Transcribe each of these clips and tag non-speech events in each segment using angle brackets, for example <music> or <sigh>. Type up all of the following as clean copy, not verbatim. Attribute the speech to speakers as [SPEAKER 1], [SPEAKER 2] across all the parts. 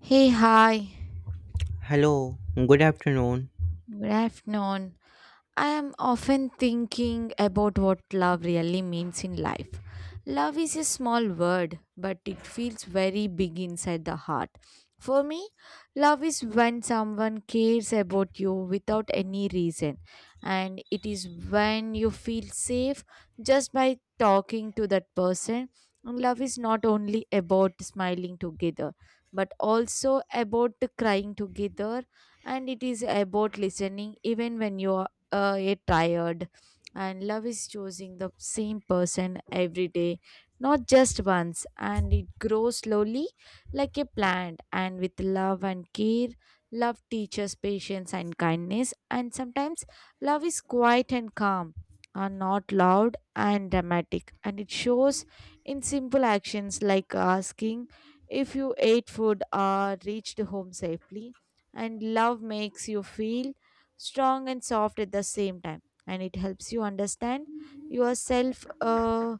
[SPEAKER 1] Hey, hi,
[SPEAKER 2] Hello, good afternoon.
[SPEAKER 1] good afternoon. I am often thinking about what love really means in life. Love is a small word, but it feels very big inside the heart. For me, love is when someone cares about you without any reason, and it is when you feel safe just by talking to that person. And love is not only about smiling together, but also about crying together, and it is about listening even when you are yet tired. And love is choosing the same person every day, not just once, and it grows slowly like a plant, and with love and care, love teaches patience and kindness. And sometimes love is quiet and calm, are not loud and dramatic, and it shows in simple actions like asking if you ate food or reached home safely. And love makes you feel strong and soft at the same time, and it helps you understand yourself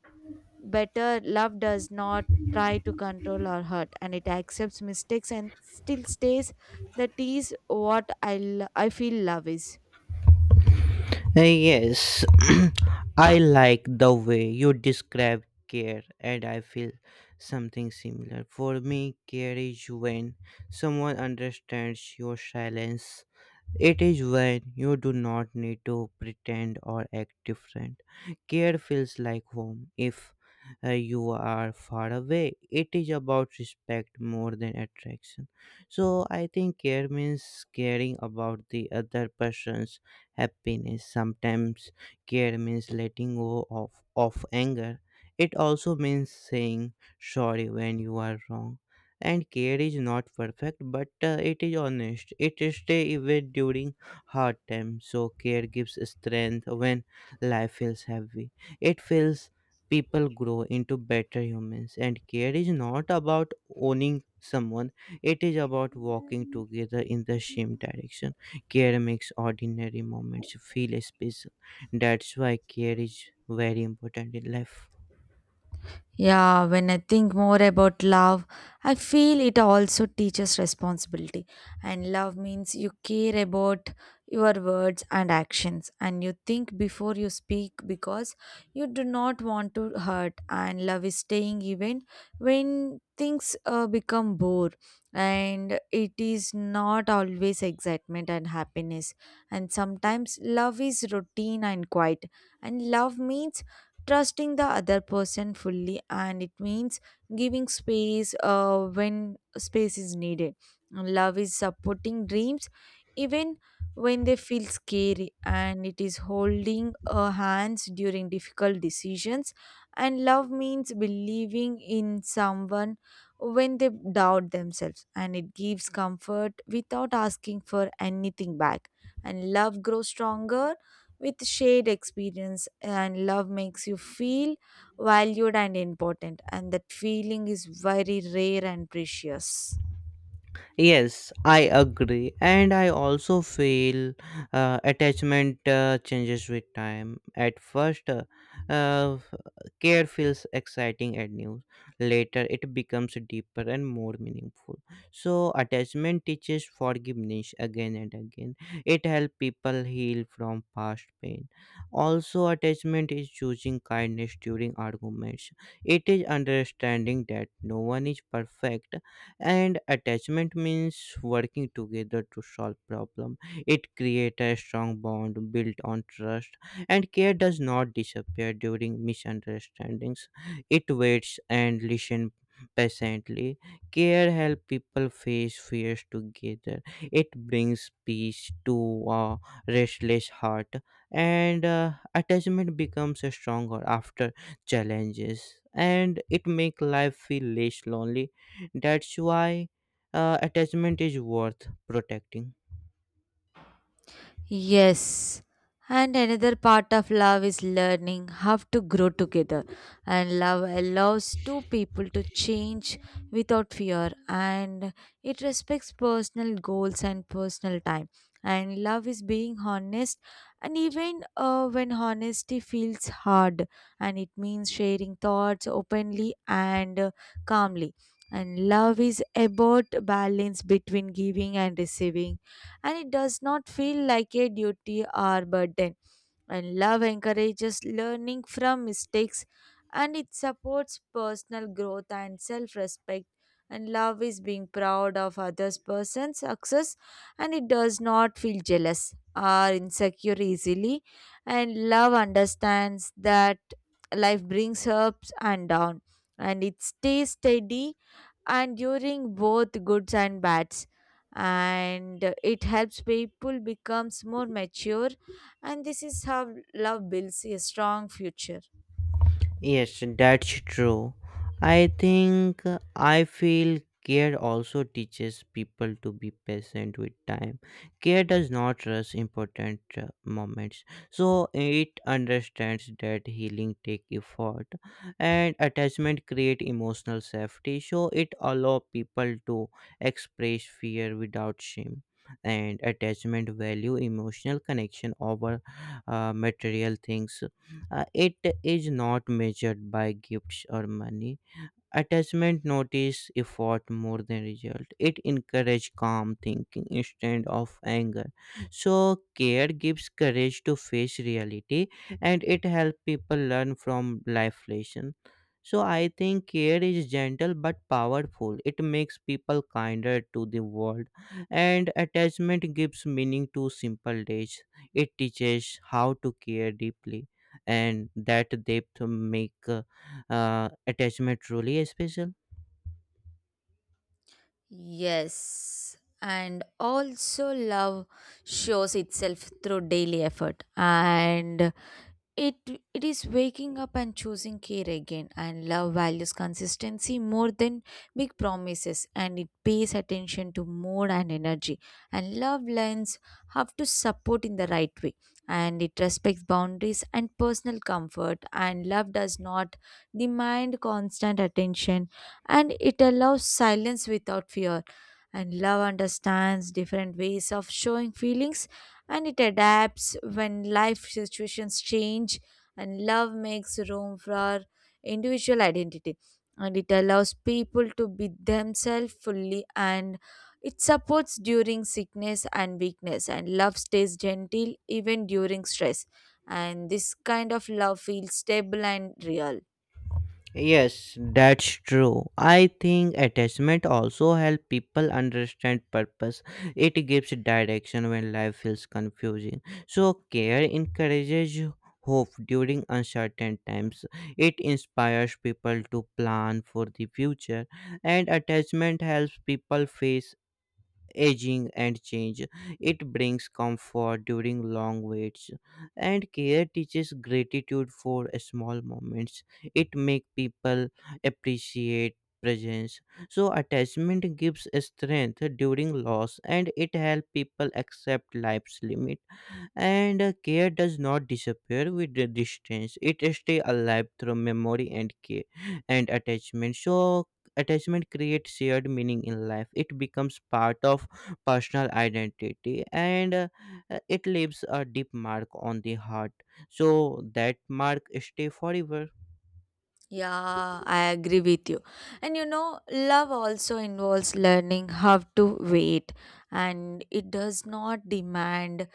[SPEAKER 1] better. Love does not try to control or hurt, and it accepts mistakes and still stays. That is what I feel love is.
[SPEAKER 2] Yes. <clears throat> I like the way you describe care, and I feel something similar. For me, care is when someone understands your silence. It is when you do not need to pretend or act different. Care feels like home if you are far away. It is about respect more than attraction. So I think care means caring about the other person's happiness. Sometimes care means letting go of anger. It also means saying sorry when you are wrong, and care is not perfect, but it is honest. It stays even during hard times. So care gives strength when life feels heavy. It feels people grow into better humans, and care is not about owning someone. It is about walking together in the same direction. Care makes ordinary moments feel special. That's why care is very important in life.
[SPEAKER 1] Yeah, when I think more about love, I feel it also teaches responsibility. And love means you care about your words and actions, and you think before you speak because you do not want to hurt. And love is staying even when things become bore, and it is not always excitement and happiness. And sometimes love is routine and quiet, and love means trusting the other person fully, and it means giving space when space is needed. Love is supporting dreams even when they feel scary, and it is holding hands during difficult decisions. And love means believing in someone when they doubt themselves, and it gives comfort without asking for anything back. And love grows stronger with shared experience, and love makes you feel valued and important, and that feeling is very rare and precious.
[SPEAKER 2] Yes, I agree, and I also feel attachment changes with time. At first, uh, care feels exciting and new. Later, it becomes deeper and more meaningful. So, attachment teaches forgiveness again and again. It helps people heal from past pain. Also, attachment is choosing kindness during arguments. It is understanding that no one is perfect, and attachment means working together to solve problem. It creates a strong bond built on trust, and care does not disappear during misunderstandings. It waits and listens patiently. Care help people face fears together. It brings peace to a restless heart, and attachment becomes stronger after challenges, and it make life feel less lonely. That's why attachment is worth protecting.
[SPEAKER 1] Yes. And another part of love is learning how to grow together. And love allows two people to change without fear, and it respects personal goals and personal time. And love is being honest, and even when honesty feels hard, and it means sharing thoughts openly and calmly. And love is about balance between giving and receiving, and it does not feel like a duty or burden. And love encourages learning from mistakes, and it supports personal growth and self respect. And love is being proud of others' person's success, and it does not feel jealous or insecure easily. And love understands that life brings ups and downs, and it stays steady and during both goods and bads, and it helps people becomes more mature, and this is how love builds a strong future.
[SPEAKER 2] Yes, that's true. I think I feel care also teaches people to be patient with time. Care does not rush important moments, so it understands that healing take effort, and attachment create emotional safety. So it allow people to express fear without shame, and attachment value emotional connection over material things. It is not measured by gifts or money. Attachment notice effort more than result. It encourages calm thinking instead of anger. So care gives courage to face reality, and it helps people learn from life lesson. So I think care is gentle but powerful. It makes people kinder to the world, and attachment gives meaning to simple days. It teaches how to care deeply, and that depth make attachment truly is special?
[SPEAKER 1] Yes, and also love shows itself through daily effort. And it it is waking up and choosing care again, and love values consistency more than big promises, and it pays attention to mood and energy. And love learns how to support in the right way, and it respects boundaries and personal comfort. And love does not demand constant attention, and it allows silence without fear. And love understands different ways of showing feelings, and it adapts when life situations change. And love makes room for individual identity, and it allows people to be themselves fully, and it supports during sickness and weakness, and love stays gentle even during stress, and this kind of love feels stable and real.
[SPEAKER 2] Yes, that's true. I think attachment also help people understand purpose. It gives direction when life feels confusing. So care encourages hope during uncertain times. It inspires people to plan for the future, and attachment helps people face aging and change. It brings comfort during long waits, and care teaches gratitude for small moments. It makes people appreciate presence. So attachment gives strength during loss, and it helps people accept life's limit, and care does not disappear with the distance. It stays alive through memory and care and attachment. Attachment creates shared meaning in life. It becomes part of personal identity, and it leaves a deep mark on the heart. So that mark stay forever.
[SPEAKER 1] Yeah, I agree with you. And you know, love also involves learning how to wait, and it does not demand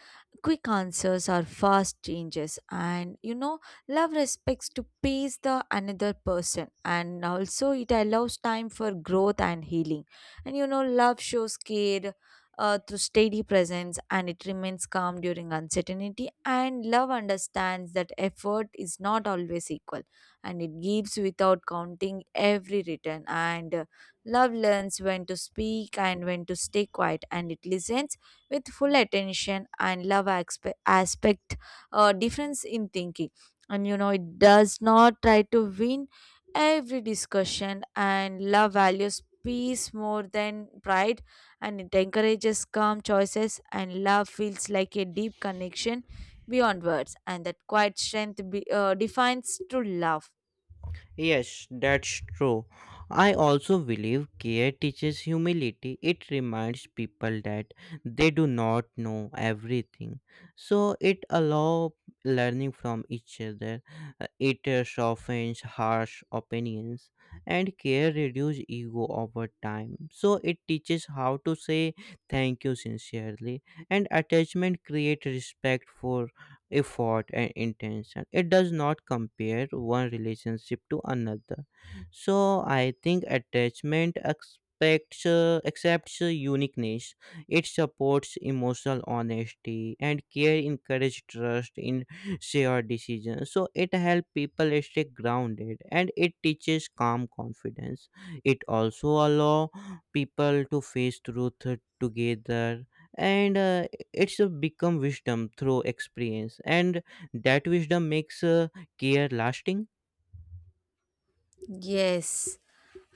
[SPEAKER 1] quick answers or fast changes. And you know, love respects to pace the another person, and also it allows time for growth and healing. And you know, love shows care through steady presence, and it remains calm during uncertainty. And love understands that effort is not always equal, and it gives without counting every return. And love learns when to speak and when to stay quiet, and it listens with full attention. And love aspect difference in thinking, and you know, it does not try to win every discussion. And love values peace more than pride, and it encourages calm choices. And love feels like a deep connection beyond words, and that quiet strength defines true love.
[SPEAKER 2] Yes, that's true. I also believe care teaches humility. It reminds people that they do not know everything. So it allows learning from each other. It softens harsh opinions, and care reduces ego over time. So it teaches how to say thank you sincerely, and attachment creates respect for effort and intention. It does not compare one relationship to another. So I think attachment expects accepts uniqueness. It supports emotional honesty, and care encourages trust in shared decisions. So it helps people stay grounded, and it teaches calm confidence. It also allows people to face truth together, and it's a become wisdom through experience, and that wisdom makes care lasting.
[SPEAKER 1] Yes.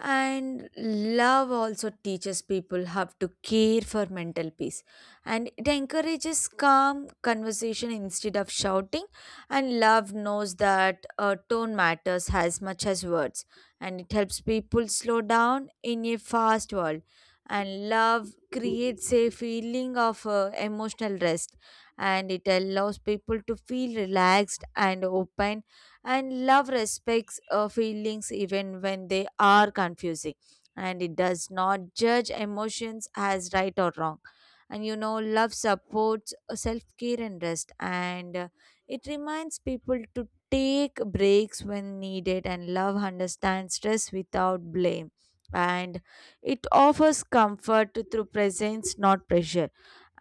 [SPEAKER 1] And love also teaches people how to care for mental peace. And it encourages calm conversation instead of shouting. And love knows that tone matters as much as words. And it helps people slow down in a fast world. And love creates a feeling of emotional rest. And it allows people to feel relaxed and open, and love respects feelings even when they are confusing, and it does not judge emotions as right or wrong. And you know, love supports self care and rest, and it reminds people to take breaks when needed. And love understands stress without blame, and it offers comfort through presence, not pressure,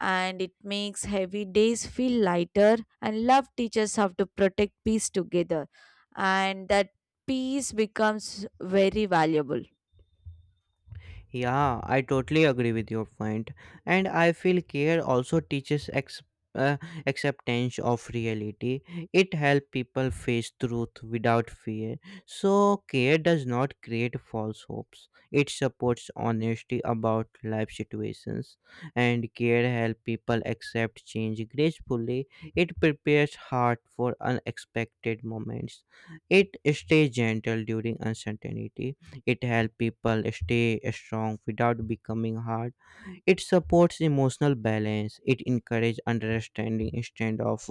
[SPEAKER 1] and it makes heavy days feel lighter. And love teaches how to protect peace together, and that peace becomes very valuable.
[SPEAKER 2] Yeah, I totally agree with your point, and I feel care also teaches uh, acceptance of reality. It helps people face truth without fear. So, care does not create false hopes. It supports honesty about life situations. And care helps people accept change gracefully. It prepares heart for unexpected moments. It stays gentle during uncertainty. It helps people stay strong without becoming hard. It supports emotional balance. It encourages understanding instead of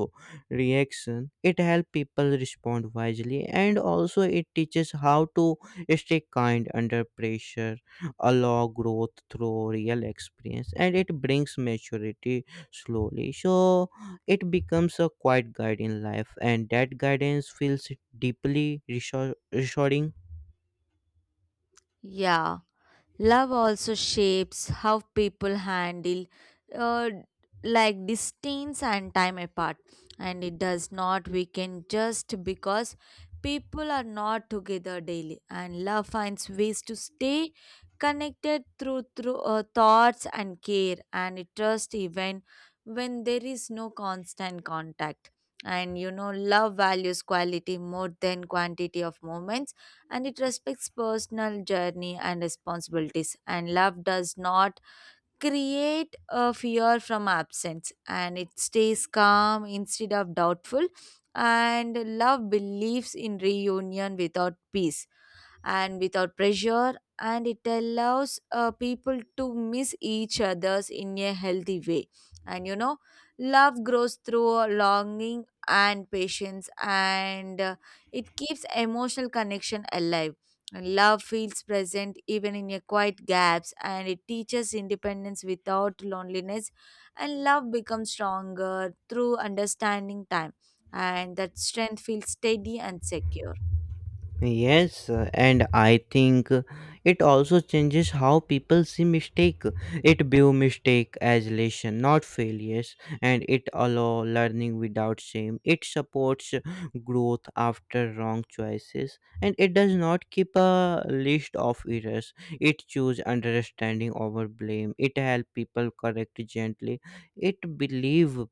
[SPEAKER 2] reaction. It helps people respond wisely, and also it teaches how to stay kind under pressure, allow growth through real experience, and it brings maturity slowly. So it becomes a quiet guide in life, and that guidance feels deeply reassuring.
[SPEAKER 1] Yeah. Love also shapes how people handle uh, like distance and time apart, and it does not weaken just because people are not together daily. And love finds ways to stay connected through thoughts and care and trust even when there is no constant contact. And you know, love values quality more than quantity of moments, and it respects personal journey and responsibilities. And love does not create a fear from absence, and it stays calm instead of doubtful. And love believes in reunion without peace and without pressure, and it allows people to miss each others in a healthy way. And you know, love grows through longing and patience, and it keeps emotional connection alive. Love feels present even in your quiet gaps, and it teaches independence without loneliness. And love becomes stronger through understanding time, and that strength feels steady and secure.
[SPEAKER 2] Yes, and I think it also changes how people see mistake. It view mistake as lesson, not failures, and it allow learning without shame. It supports growth after wrong choices, and it does not keep a list of errors. It choose understanding over blame. It help people correct gently. It believe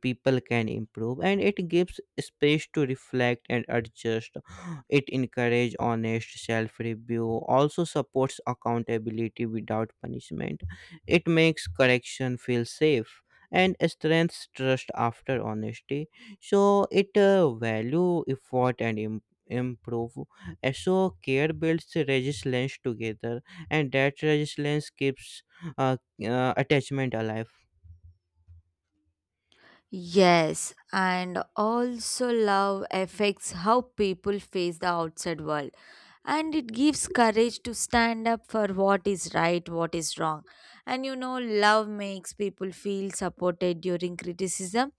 [SPEAKER 2] people can improve, and it gives space to reflect and adjust. It encourages honest self review, also supports accountability without punishment. It makes correction feel safe and strengthens trust after honesty. So it value effort and improve. So care builds resilience together, and that resilience keeps uh, attachment alive.
[SPEAKER 1] Yes, and also love affects how people face the outside world. And it gives courage to stand up for what is right, what is wrong. And you know, love makes people feel supported during criticism,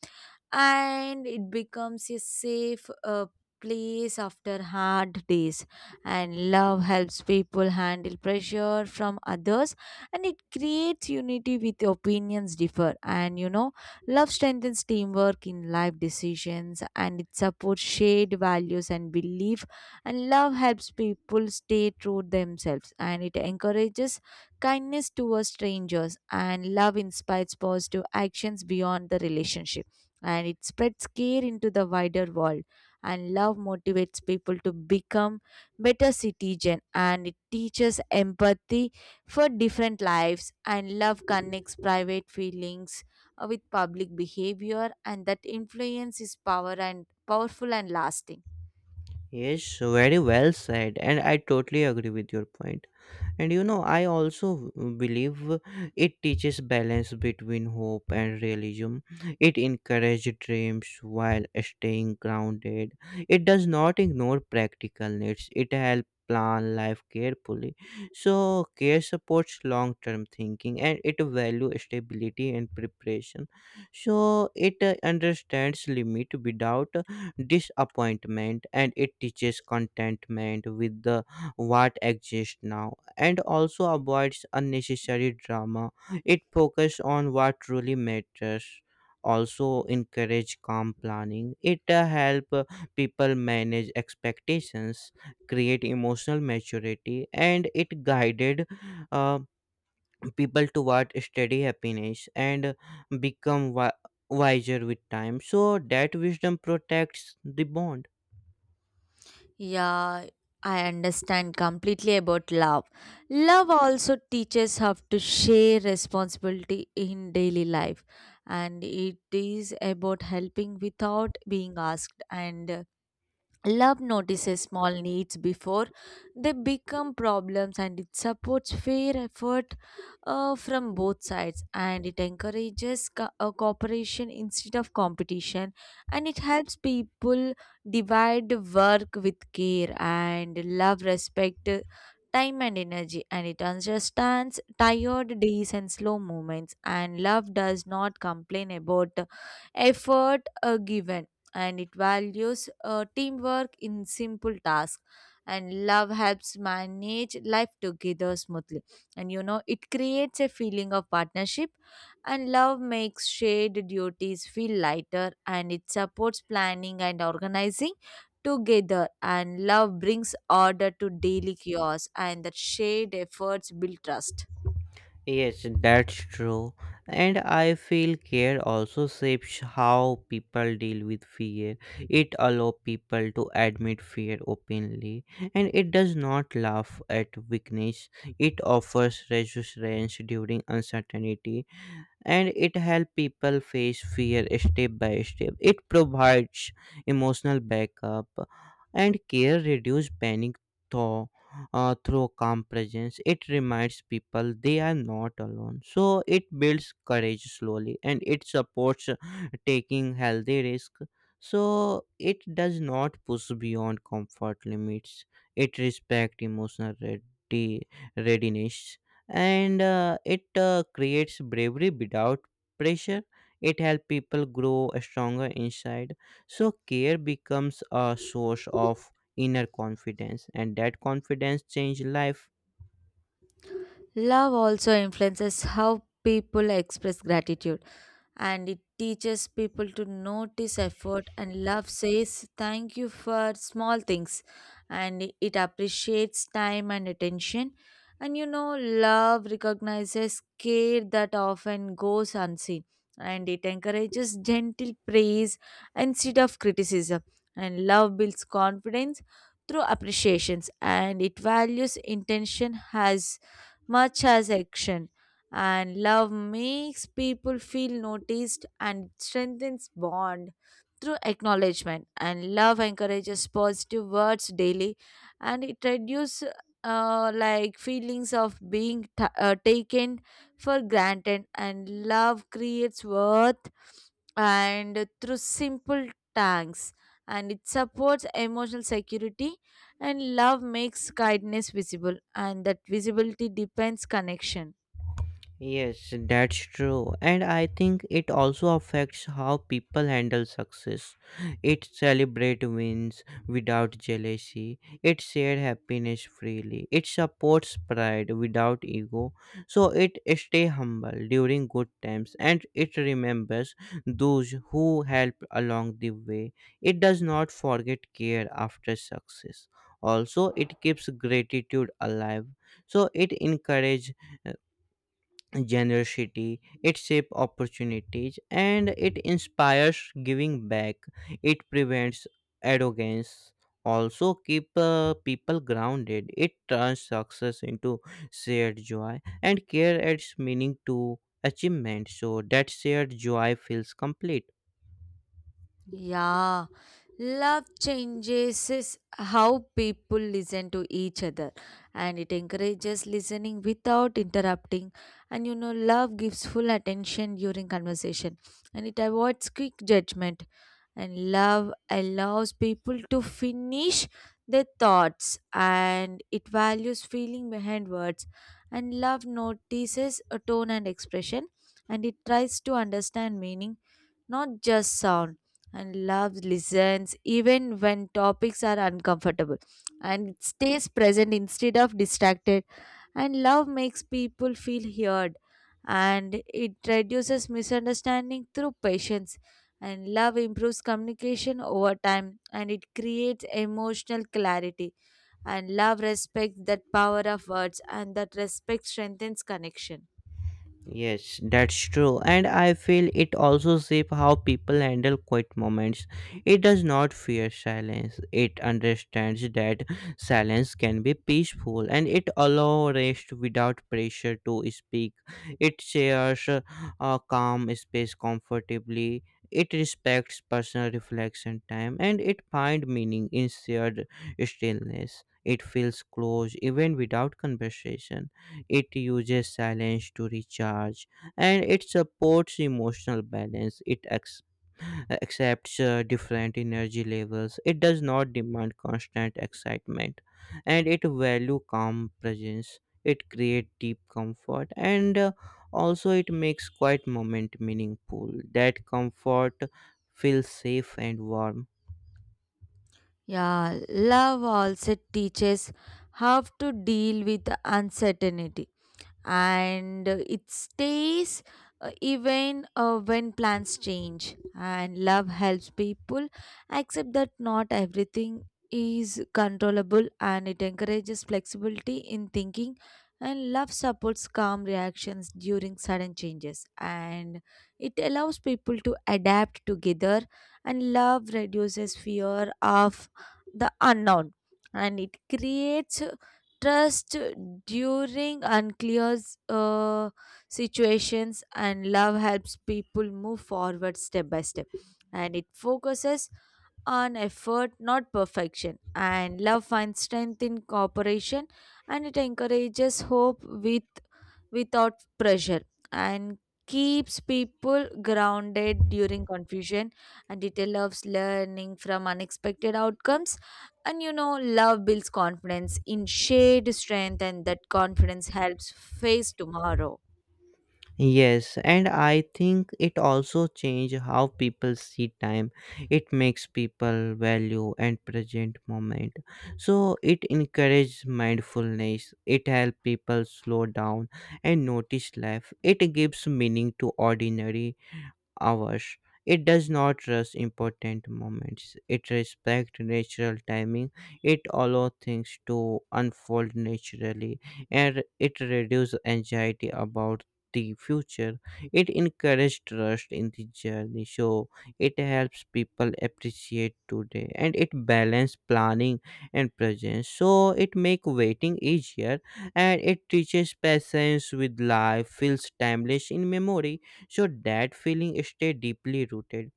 [SPEAKER 1] and it becomes a safe place after hard days. And love helps people handle pressure from others, and it creates unity with opinions differ. And you know, love strengthens teamwork in life decisions, and it supports shared values and belief. And love helps people stay true themselves, and it encourages kindness towards strangers. And love inspires positive actions beyond the relationship, and it spreads care into the wider world. And love motivates people to become better citizen, and it teaches empathy for different lives. And love connects private feelings with public behavior, and that influence is power and powerful and lasting.
[SPEAKER 2] Yes, very well said, and I totally agree with your point. And you know, I also believe it teaches balance between hope and realism. It encourages dreams while staying grounded. It does not ignore practical needs. It helps plan life carefully. So care supports long term thinking, and it value stability and preparation. So it understands limit without disappointment, and it teaches contentment with the what exists now, and also avoids unnecessary drama. It focuses on what truly matters. Also encourage calm planning. It help people manage expectations, create emotional maturity, and it guided uh, people toward steady happiness and become wiser with time. So that wisdom protects the bond.
[SPEAKER 1] Yeah, I understand completely about love. Love also teaches how to share responsibility in daily life, and it is about helping without being asked. And love notices small needs before they become problems, and it supports fair effort from both sides. And it encourages cooperation instead of competition, and it helps people divide work with care. And love respect time and energy, and it understands tired days and slow moments. And love does not complain about effort given, and it values teamwork in simple tasks. And love helps manage life together smoothly, and you know, it creates a feeling of partnership. And love makes shared duties feel lighter, and it supports planning and organizing together. And love brings order to daily chaos, and that shared efforts build trust.
[SPEAKER 2] Yes, that's true. And I feel care also shapes how people deal with fear. It allows people to admit fear openly, and it does not laugh at weakness. It offers reassurance during uncertainty, and it helps people face fear step by step. It provides emotional backup, and care, reduce panic through, through calm presence. It reminds people they are not alone. So it builds courage slowly, and it supports taking healthy risk. So it does not push beyond comfort limits. It respects readiness, and it creates bravery without pressure. It helps people grow stronger inside. So care becomes a source of inner confidence, and that confidence change life.
[SPEAKER 1] Love also influences how people express gratitude, and it teaches people to notice effort. And love says thank you for small things, and it appreciates time and attention. And you know, love recognizes care that often goes unseen, and it encourages gentle praise instead of criticism. And love builds confidence through appreciations, and it values intention as much as action. And love makes people feel noticed, and strengthens bond through acknowledgement. And love encourages positive words daily, and it reduces like feelings of being ta taken for granted. And love creates worth and through simple thanks, and it supports emotional security. And love makes kindness visible, and that visibility depends connection.
[SPEAKER 2] Yes, that's true. And I think it also affects how people handle success. It celebrates wins without jealousy. It shares happiness freely. It supports pride without ego. So it stays humble during good times, and it remembers those who help along the way. It does not forget care after success. Also, it keeps gratitude alive. So it encourages generosity. It shapes opportunities, and it inspires giving back. It prevents arrogance, also keep people grounded. It turns success into shared joy, and care adds meaning to achievement. So that shared joy feels complete.
[SPEAKER 1] Yeah, love changes is how people listen to each other, and it encourages listening without interrupting. And you know, love gives full attention during conversation, and it avoids quick judgment. And love allows people to finish their thoughts, and it values feeling behind words. And love notices a tone and expression, and it tries to understand meaning, not just sound. And love listens even when topics are uncomfortable, and it stays present instead of distracted. And love makes people feel heard, and it reduces misunderstanding through patience. And love improves communication over time, and it creates emotional clarity. And love respects that power of words, and that respect strengthens connection.
[SPEAKER 2] Yes, that's true. And I feel it also shape how people handle quiet moments. It does not fear silence. It understands that silence can be peaceful, and it allows rest without pressure to speak. It shares a calm space comfortably. It respects personal reflection time, and it finds meaning in shared stillness. It feels close even without conversation. It uses silence to recharge, and it supports emotional balance. It accepts different energy levels. It does not demand constant excitement, and it value calm presence. It creates deep comfort, and also it makes quiet moment meaningful. That comfort feels safe and warm.
[SPEAKER 1] Yeah, love also teaches how to deal with uncertainty, and it stays even when plans change. And love helps people accept that not everything is controllable, and it encourages flexibility in thinking. And love supports calm reactions during sudden changes, and it allows people to adapt together. And love reduces fear of the unknown, and it creates trust during unclear uh, situations. And love helps people move forward step by step, and it focuses on effort, not perfection. And love finds strength in cooperation, and it encourages hope with without pressure, and keeps people grounded during confusion, and it loves learning from unexpected outcomes. And you know, love builds confidence in shared strength, and that confidence helps face tomorrow.
[SPEAKER 2] Yes, and I think it also change how people see time. It makes people value and present moment. So it encourages mindfulness. It helps people slow down and notice life. It gives meaning to ordinary hours. It does not rush important moments. It respects natural timing. It allows things to unfold naturally, and it reduces anxiety about the future. It encourages trust in the journey. So it helps people appreciate today, and it balances planning and presence. So it makes waiting easier, and it teaches patience with life, feels timeless in memory. So that feeling stay deeply rooted.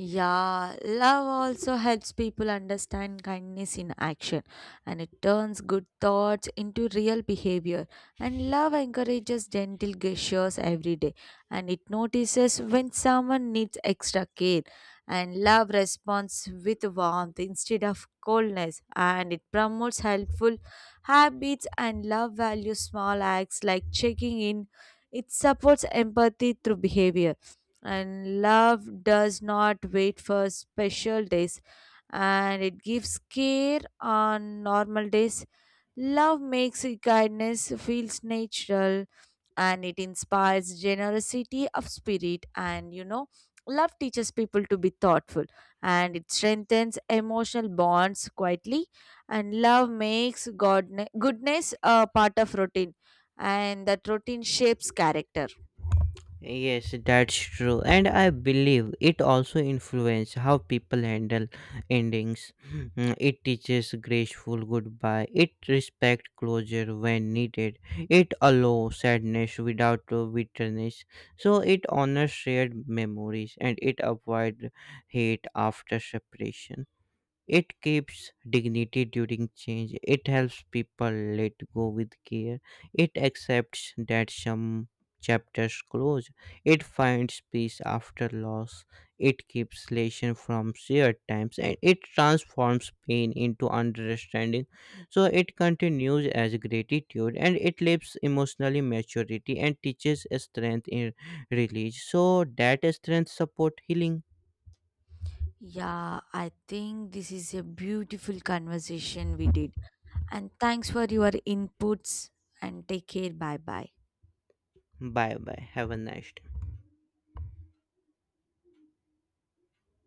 [SPEAKER 1] Yeah, love also helps people understand kindness in action, and it turns good thoughts into real behavior. And love encourages gentle gestures every day, and it notices when someone needs extra care. And love responds with warmth instead of coldness, and it promotes helpful habits. And love values small acts like checking in. It supports empathy through behavior, and love does not wait for special days, and it gives care on normal days. Love makes kindness feels natural, and it inspires generosity of spirit. And you know, love teaches people to be thoughtful, and it strengthens emotional bonds quietly. And love makes goodness a part of routine, and that routine shapes character.
[SPEAKER 2] Yes, that's true. And I believe it also influences how people handle endings. Mm, it teaches graceful goodbye. It respects closure when needed. It allows sadness without bitterness. So it honors shared memories, and it avoids hate after separation. It keeps dignity during change. It helps people let go with care. It accepts that some chapters close. It finds peace after loss. It keeps lesson from shared times, and it transforms pain into understanding. So it continues as gratitude, and it lives emotionally maturity and teaches strength in release. So that strength support healing.
[SPEAKER 1] Yeah, I think this is a beautiful conversation we did. And thanks for your inputs, and take care. Bye bye.
[SPEAKER 2] Bye bye. Have a nice